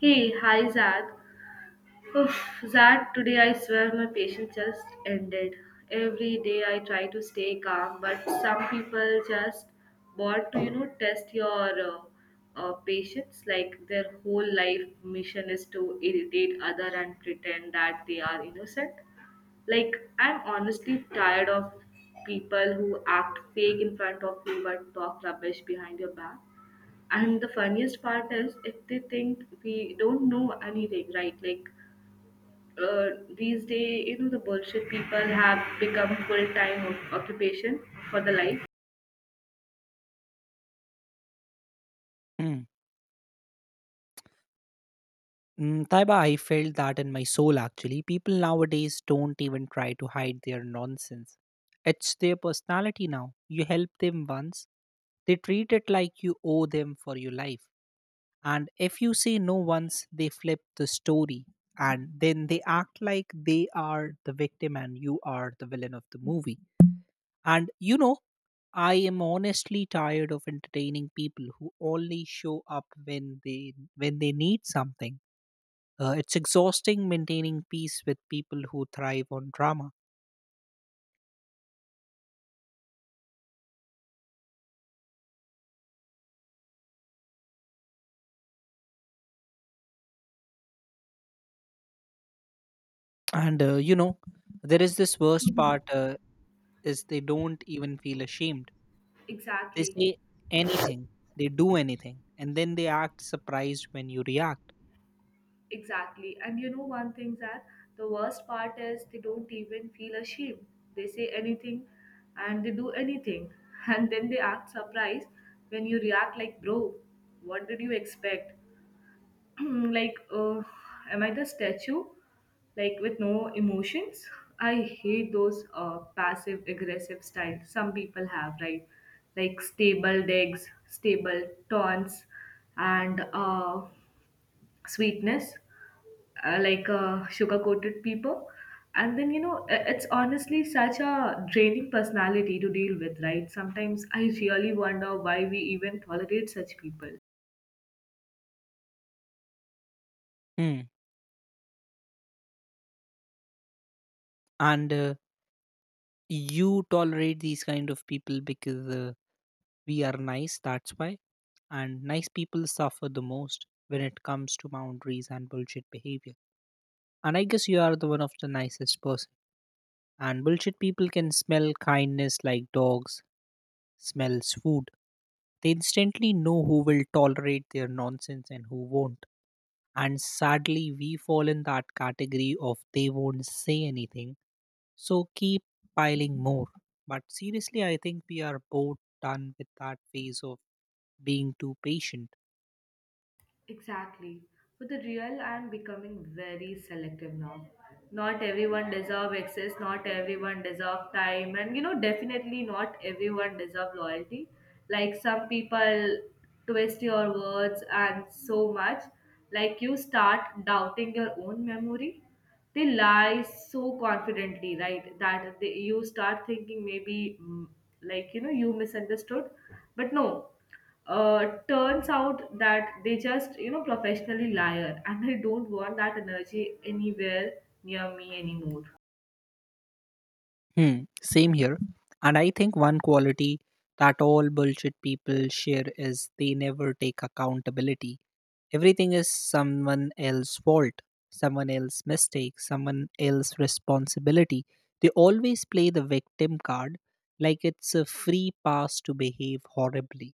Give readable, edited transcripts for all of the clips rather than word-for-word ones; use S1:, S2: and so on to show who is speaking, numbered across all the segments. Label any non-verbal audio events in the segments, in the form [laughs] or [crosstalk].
S1: Hey, hi Zad. Oof, Zad, today I swear my patience just ended. Every day I try to stay calm, but some people just want to test your patience. Like, their whole life mission is to irritate other and pretend that they are innocent. Like, I'm honestly tired of people who act fake in front of you but talk rubbish behind your back. And the funniest part is if they think we don't know anything, right? Like, these days, the bullshit people have become full time occupation for the life.
S2: Mm. Mm, Taiba, I felt that in my soul actually. People nowadays don't even try to hide their nonsense. It's their personality now. You help them once, they treat it like you owe them for your life. And if you say no once, they flip the story and then they act like they are the victim and you are the villain of the movie. And you know, I am honestly tired of entertaining people who only show up when they need something. It's exhausting maintaining peace with people who thrive on drama. And there is this worst
S1: Mhm.
S2: part is they don't even feel ashamed. They
S1: Exactly.
S2: say anything, they do anything, and then they act surprised when you react.
S1: Exactly. And you know one thing, that the worst part is they don't even feel ashamed. They say anything and they do anything. [laughs] And then they act surprised when you react like, bro, what did you expect? [clears throat] Like, am I the statue? Like, with no emotions? I hate those passive aggressive styles some people have, right? Like, stable digs, stable taunts, and sweetness, like a sugar coated people. And then it's honestly such a draining personality to deal with, right? Sometimes I really wonder why we even tolerate such people.
S2: Hmm. And you tolerate these kind of people because we are nice. That's why. And nice people suffer the most when it comes to boundaries and bullshit behavior. And I guess you are the one of the nicest person. And bullshit people can smell kindness like dogs smells food. They instantly know who will tolerate their nonsense and who won't. And sadly, we fall in that category of they won't say anything, so keep piling more. But seriously, I think we are both done with that phase of being too patient.
S1: Exactly. For the real, I'm becoming very selective now. Not everyone deserve access, not everyone deserve time, and definitely not everyone deserve loyalty. Like, some people twist your words and so much, like you start doubting your own memory. They lie so confidently, right? That they, you start thinking maybe like, you know, you misunderstood, but no, turns out that they just, professionally liar, and I don't want that energy anywhere near me anymore.
S2: Hmm, same here. And I think one quality that all bullshit people share is they never take accountability. Everything is someone else's fault, someone else's mistake, someone else's responsibility. They always play the victim card like it's a free pass to behave horribly.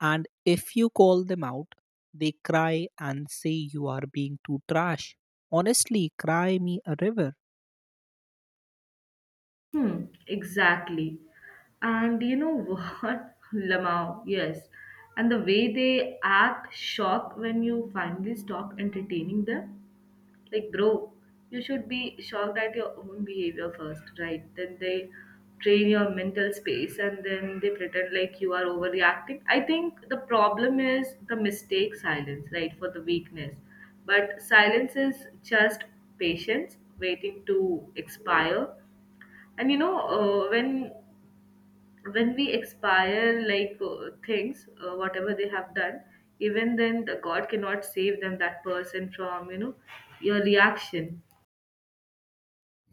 S2: And if you call them out, they cry and say you are being too trash. Honestly, cry me a river.
S1: Hmm, exactly. And you know what? [laughs] Lamau, yes. And the way they act shocked when you finally stop entertaining them. Like, bro, you should be shocked at your own behavior first, right? Then they train your mental space and then they pretend like you are overreacting. I think the problem is the mistake silence, right? For the weakness. But silence is just patience waiting to expire. And you know, uh, when when we expire like things, whatever they have done, even then the God cannot save them, that person, from, your reaction.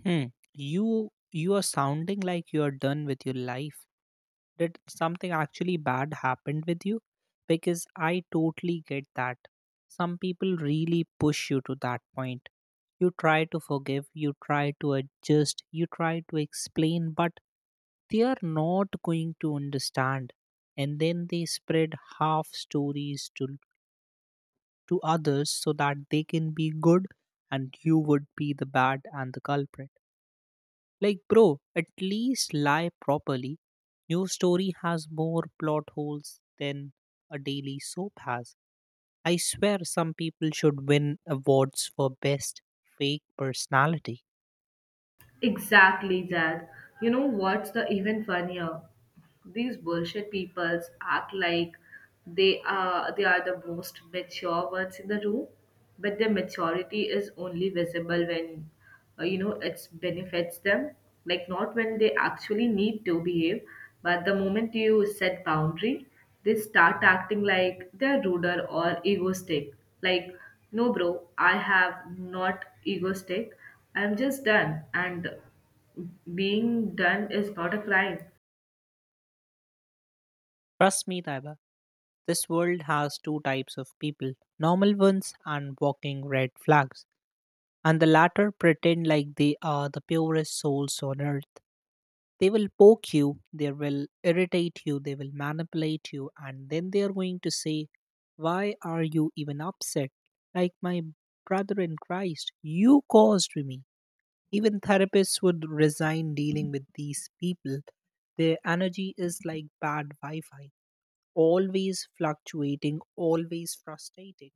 S2: Hmm. You are sounding like you are done with your life. Did something actually bad happened with you? Because I totally get that. Some people really push you to that point. You try to forgive, you try to adjust, you try to explain, but they are not going to understand and then they spread half stories to others so that they can be good and you would be the bad and the culprit like, bro, at least lie properly. Your story has more plot holes than a daily soap has. I swear some people should win awards for best fake personality.
S1: Exactly that. You know what's the even funnier? These bullshit peoples act like they are the most mature ones in the room, but their maturity is only visible when it benefits them. Like, not when they actually need to behave, but the moment you set boundary, they start acting like they're ruder or egoistic. Like, no bro, I have not egoistic. I'm just done, and being done is not a crime.
S2: Trust me, Taiba, this world has two types of people normal ones and walking red flags, and the latter pretend like they are the purest souls on earth. They will poke you, they will irritate you, they will manipulate you, and then they are going to say, why are you even upset? Like my brother in Christ, you caused me. Even therapists would resign dealing with these people. Their energy is like bad Wi Fi, always fluctuating, always frustrating.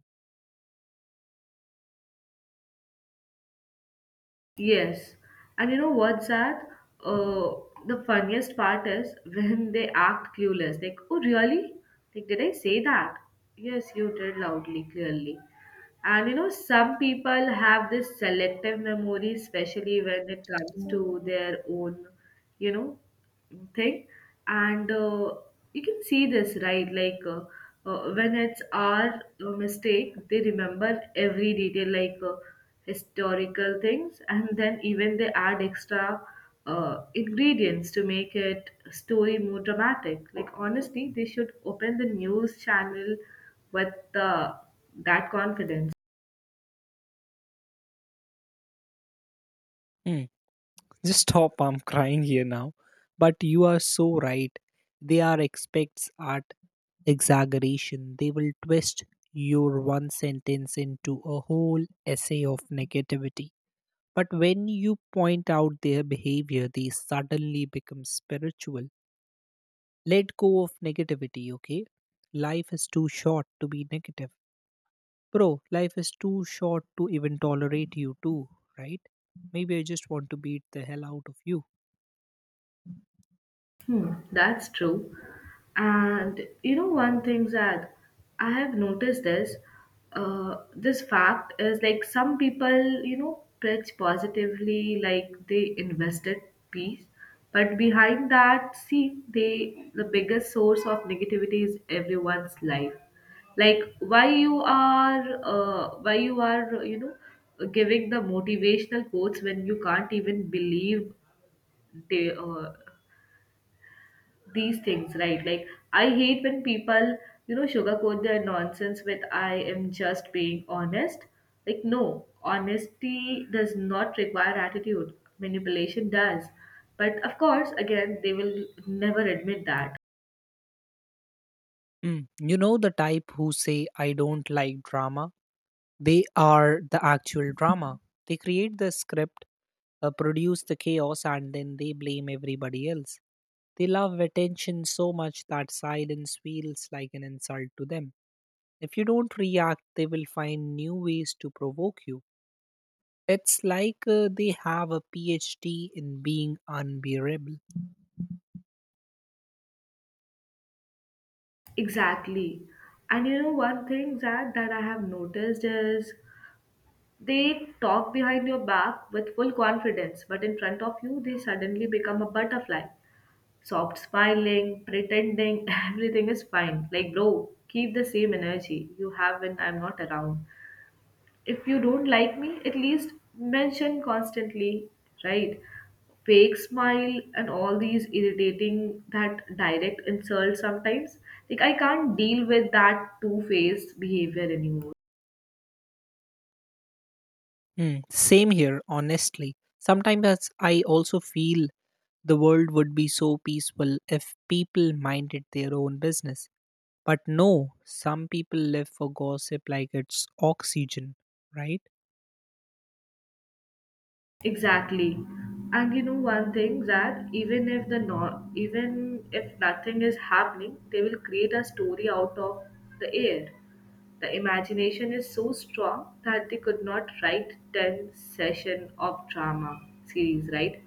S1: Yes. And you know what's that? Uh, the funniest part is when they act clueless. Like, oh, really? Like, did I say that? Yes, you did, loudly, clearly. And you know, some people have this selective memory, especially when it comes to their own, you know, thing. And you can see this, right? Like, when it's our mistake, they remember every detail, like historical things, and then even they add extra ingredients to make it story more dramatic. Like, honestly, they should open the news channel with that confidence.
S2: Hmm. Just stop, I'm crying here now. But you are so right. They are expects at exaggeration. They will twist your one sentence into a whole essay of negativity. But when you point out their behavior, they suddenly become spiritual. Let go of negativity, okay? Life is too short to be negative. Bro, life is too short to even tolerate you too, right? Maybe I just want to beat the hell out of you.
S1: Hmm, that's true. And you know, one thing, Zad, I have noticed this. This fact is, like, some people, preach positively, like they invested peace, but behind that, see, they the biggest source of negativity is everyone's life. Like, why you are, giving the motivational quotes when you can't even believe they these things, right? Like, I hate when people, sugarcoat their nonsense with, I am just being honest. Like, no, honesty does not require attitude, manipulation does. But of course, again, they will never admit that.
S2: Mm. You know the type who say, I don't like drama? They are the actual drama. [laughs] They create the script, produce the chaos, and then they blame everybody else. They love attention so much that silence feels like an insult to them. If you don't react, they will find new ways to provoke you. It's like they have a PhD in being unbearable.
S1: Exactly. And you know, one thing, Zach, that I have noticed is they talk behind your back with full confidence, but in front of you, they suddenly become a butterfly. Soft smiling, pretending, [laughs] everything is fine. Like, bro, keep the same energy you have when I'm not around. If you don't like me, at least mention constantly, right? Fake smile and all these irritating that direct insult sometimes. Like, I can't deal with that two faced behavior anymore.
S2: Mm, same here, honestly. Sometimes I also feel the world would be so peaceful if people minded their own business. But no, some people live for gossip like it's oxygen, right?
S1: Exactly. And you know one thing, that even if the no, even if nothing is happening, they will create a story out of the air. The imagination is so strong that they could not write 10 session of drama series, right?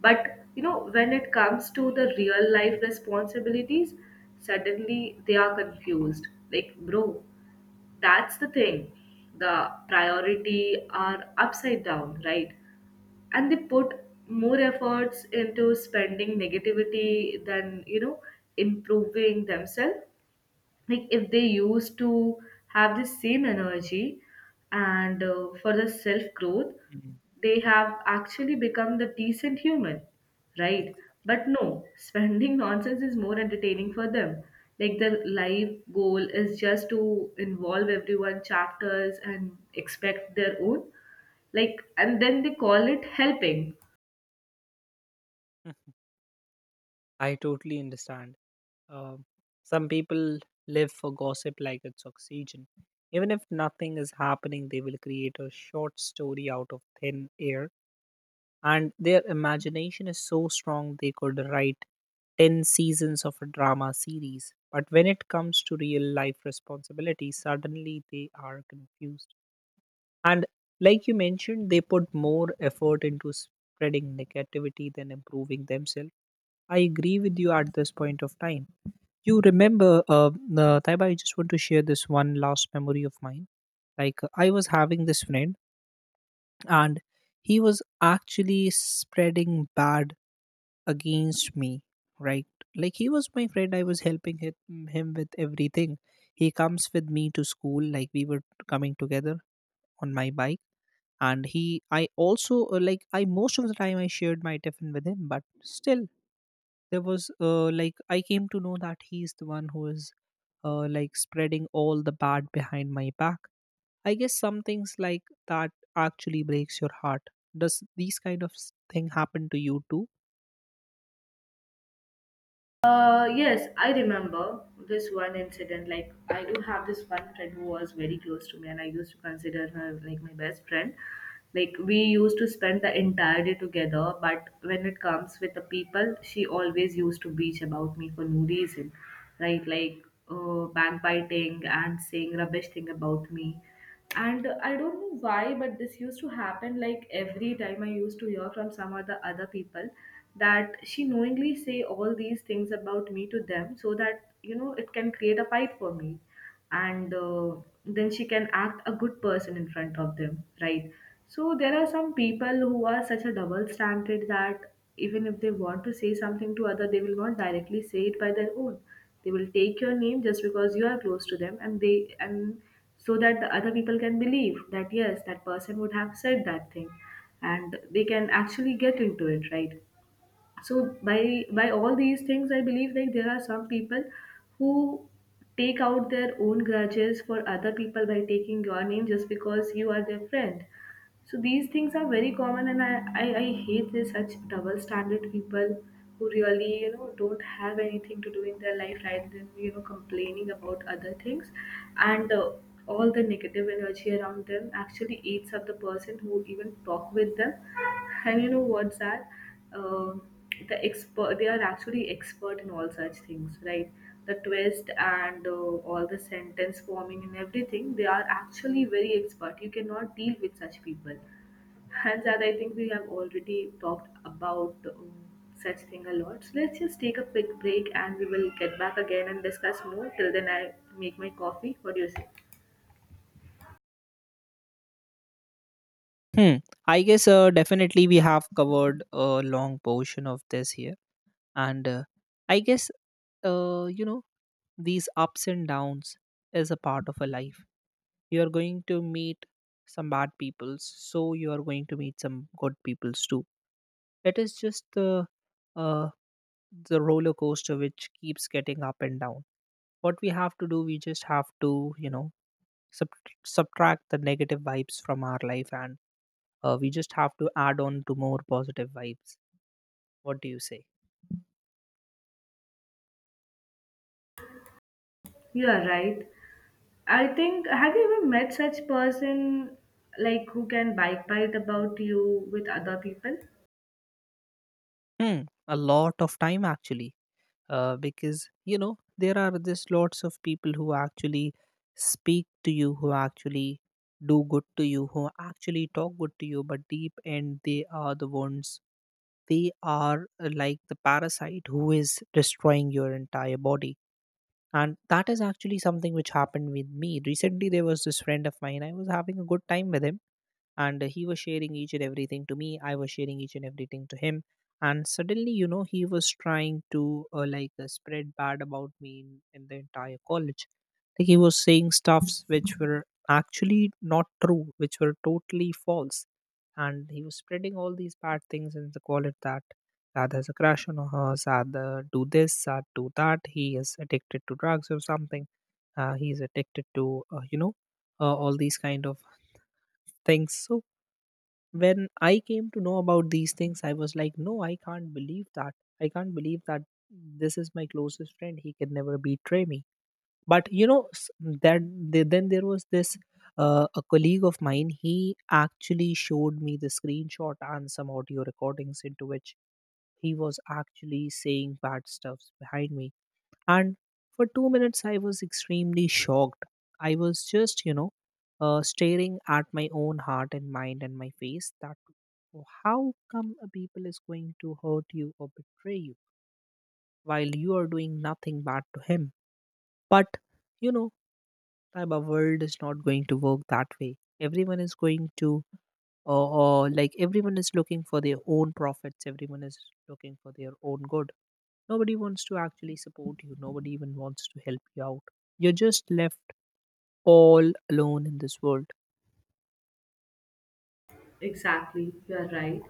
S1: But you know, when it comes to the real life responsibilities, suddenly they are confused. Like, bro, that's the thing. The priority are upside down, right? And they put more efforts into spending negativity than, improving themselves. Like, if they used to have the same energy and for the self growth,
S2: Mm,
S1: they have actually become the decent human, right?
S2: exactly.
S1: But no, spending [laughs] nonsense is more entertaining for them. Like, their life goal is just to involve everyone chapters and expect their own, like, and then they call it helping.
S2: [laughs] I totally understand. Um, some people live for gossip like it's oxygen. Even if nothing is happening, they will create a short story out of thin air and their imagination is so strong they could write 10 seasons of a drama series. But when it comes to real life responsibilities, suddenly they are confused. And like you mentioned, they put more effort into spreading negativity than improving themselves. I agree with you at this point of time. You remember, Taiba, I just want to share this one last memory of mine. Like, I was having this friend, and he was actually spreading bad against me, right? Like, he was my friend, I was helping him with everything. He comes with me to school, like we were coming together on my bike. And he I also like, I, most of the time, I shared my tiffin with him, but still there was like, I came to know that he's the one who is like spreading all the bad behind my back. I guess some things like that actually breaks your heart. Does these kind of thing happen to you too?
S1: Yes, I remember this one incident. Like, I do have this one friend who was very close to me, and I used to consider her like my best friend. Like, we used to spend the entire day together, but when it comes with the people, she always used to bitch about me for no reason, right? Like, backbiting and saying rubbish thing about me. And I don't know why, but this used to happen. Like, every time I used to hear from some other people that she knowingly say all these things about me to them, so that, you know, it can create a fight for me, and then she can act a good person in front of them, right? So there are some people who are such a double standard that even if they want to say something to other, they will not directly say it by their own. They will take your name just because you are close to them, and so that the other people can believe that yes, that person would have said that thing, and they can actually get into it, right? So by all these things, I believe, like, there are some people who take out their own grudges for other people by taking your name just because you are their friend. So these things are very common, and I hate this such double standard people who really, don't have anything to do in their life rather than, complaining about other things. And all the negative energy around them actually eats up the person who even talk with them. And you know what's that, uh, the expert, they are actually expert in all such things, right? The twist, and all the sentence forming and everything, they are actually very expert. You cannot deal with such people. And that, I think, we have already talked about such thing a lot. So let's just take a quick break and we will get back again and discuss more. Till then, I make my coffee. What do you say?
S2: Hmm. I guess definitely we have covered a long portion of this here, and I guess you know these ups and downs is a part of a life. You are going to meet some bad peoples, so you are going to meet some good peoples too. It is just uh, the roller coaster which keeps getting up and down. What we have to do, we just have to, you know, sub- subtract the negative vibes from our life, and we just have to add on to more positive vibes. What do you say?
S1: You are right. I think, have you ever met such person, like, who can backbite about you with other people?
S2: Hmm, a lot of time actually, because you know there are this lots of people who actually speak to you, who actually do good to you, who actually talk good to you, but deep end they are the ones. They are like the parasite who is destroying your entire body. And that is actually something which happened with me. Recently, there was this friend of mine. I was having a good time with him, and he was sharing each and everything to me, I was sharing each and everything to him. And suddenly, you know, he was trying to spread bad about me in the entire college, like he was saying stuffs which were actually not true, which were totally false. And he was spreading all these bad things in the college that Sad has a crush on her. Sad do this. Sad do that. He is addicted to drugs or something. He's addicted to all these kind of things. So when I came to know about these things, I was like, no, I can't believe that, I can't believe that, this is my closest friend, he can never betray me. But you know then there was this a colleague of mine, he actually showed me the screenshot and some audio recordings into which he was actually saying bad stuffs behind me. And for 2 minutes, I was extremely shocked. I was just, you know, staring at my own heart and mind and my face. That, "Oh, how come a people is going to hurt you or betray you while you are doing nothing bad to him?" But you know, Taiba, world is not going to work that way. Everyone is going to, like everyone is looking for their own profits. Everyone is looking for their own good. Nobody wants to actually support you. Nobody even wants to help you out. You're just left all alone in this world.
S1: Exactly, you're right.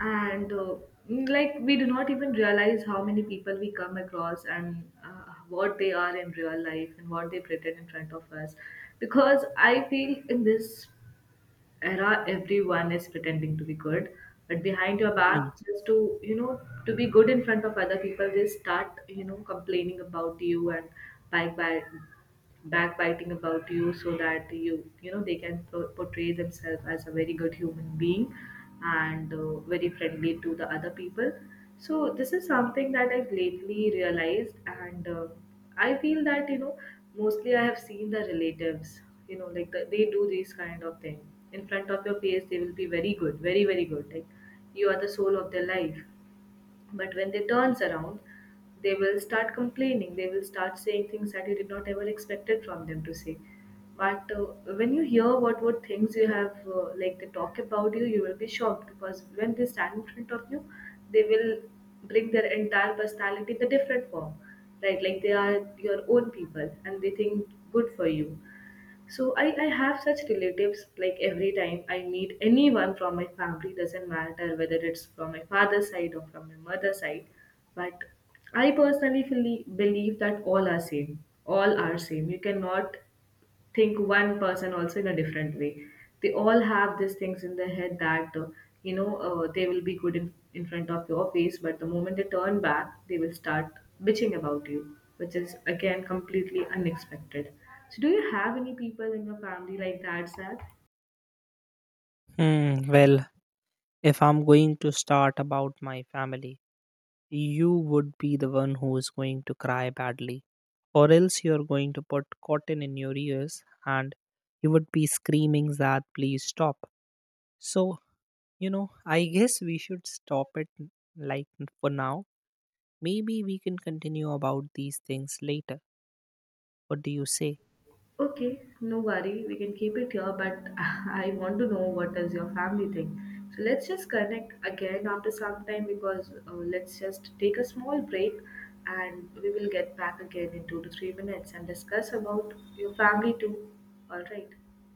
S1: And like, we do not even realize how many people we come across and what they are in real life and what they pretend in front of us. Because I feel in this era everyone is pretending to be good, but behind your
S2: Mm.
S1: back, just to, to be good in front of other people, they start, complaining about you, and by backbiting about you, so that they can portray themselves as a very good human being, and very friendly to the other people. So this is something that I've lately realized, and I feel that, mostly I have seen the relatives, like, they do these kind of thing. In front of your face they will be very good, very very good, like you are the soul of their life, but when they turns around, they will start complaining, they will start saying things that you did not ever expected from them to say. But when you hear what things you have, like, they talk about you, you will be shocked. Because when they stand in front of you, they will bring their entire personality in a different form, right? Like, they are your own people and they think good for you. So I have such relatives. Like, every time I meet anyone from my family, doesn't matter whether it's from my father's side or from my mother's side, but I personally feel, believe that all are same. All are same. You cannot think one person also in a different way. They all have these things in their head that they will be good in front of your face, but the moment they turn back, they will start bitching about you, which is again completely unexpected. So, do you have any people in your family like that, Sad?
S2: Hmm, well, if I'm going to start about my family, you would be the one who is going to cry badly, or else you're going to put cotton in your ears and you would be screaming that please stop. So, you know, I guess we should stop it like for now. Maybe we can continue about these things later. What do you say?
S1: Okay, no worry. We can keep it here, but [laughs] I want to know what does your family think. So let's just connect again after some time, because let's just take a small break and we will get back again in 2 to 3 minutes and discuss about your family too. All right.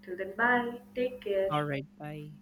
S1: Till then, bye. Take care.
S2: Alright, bye.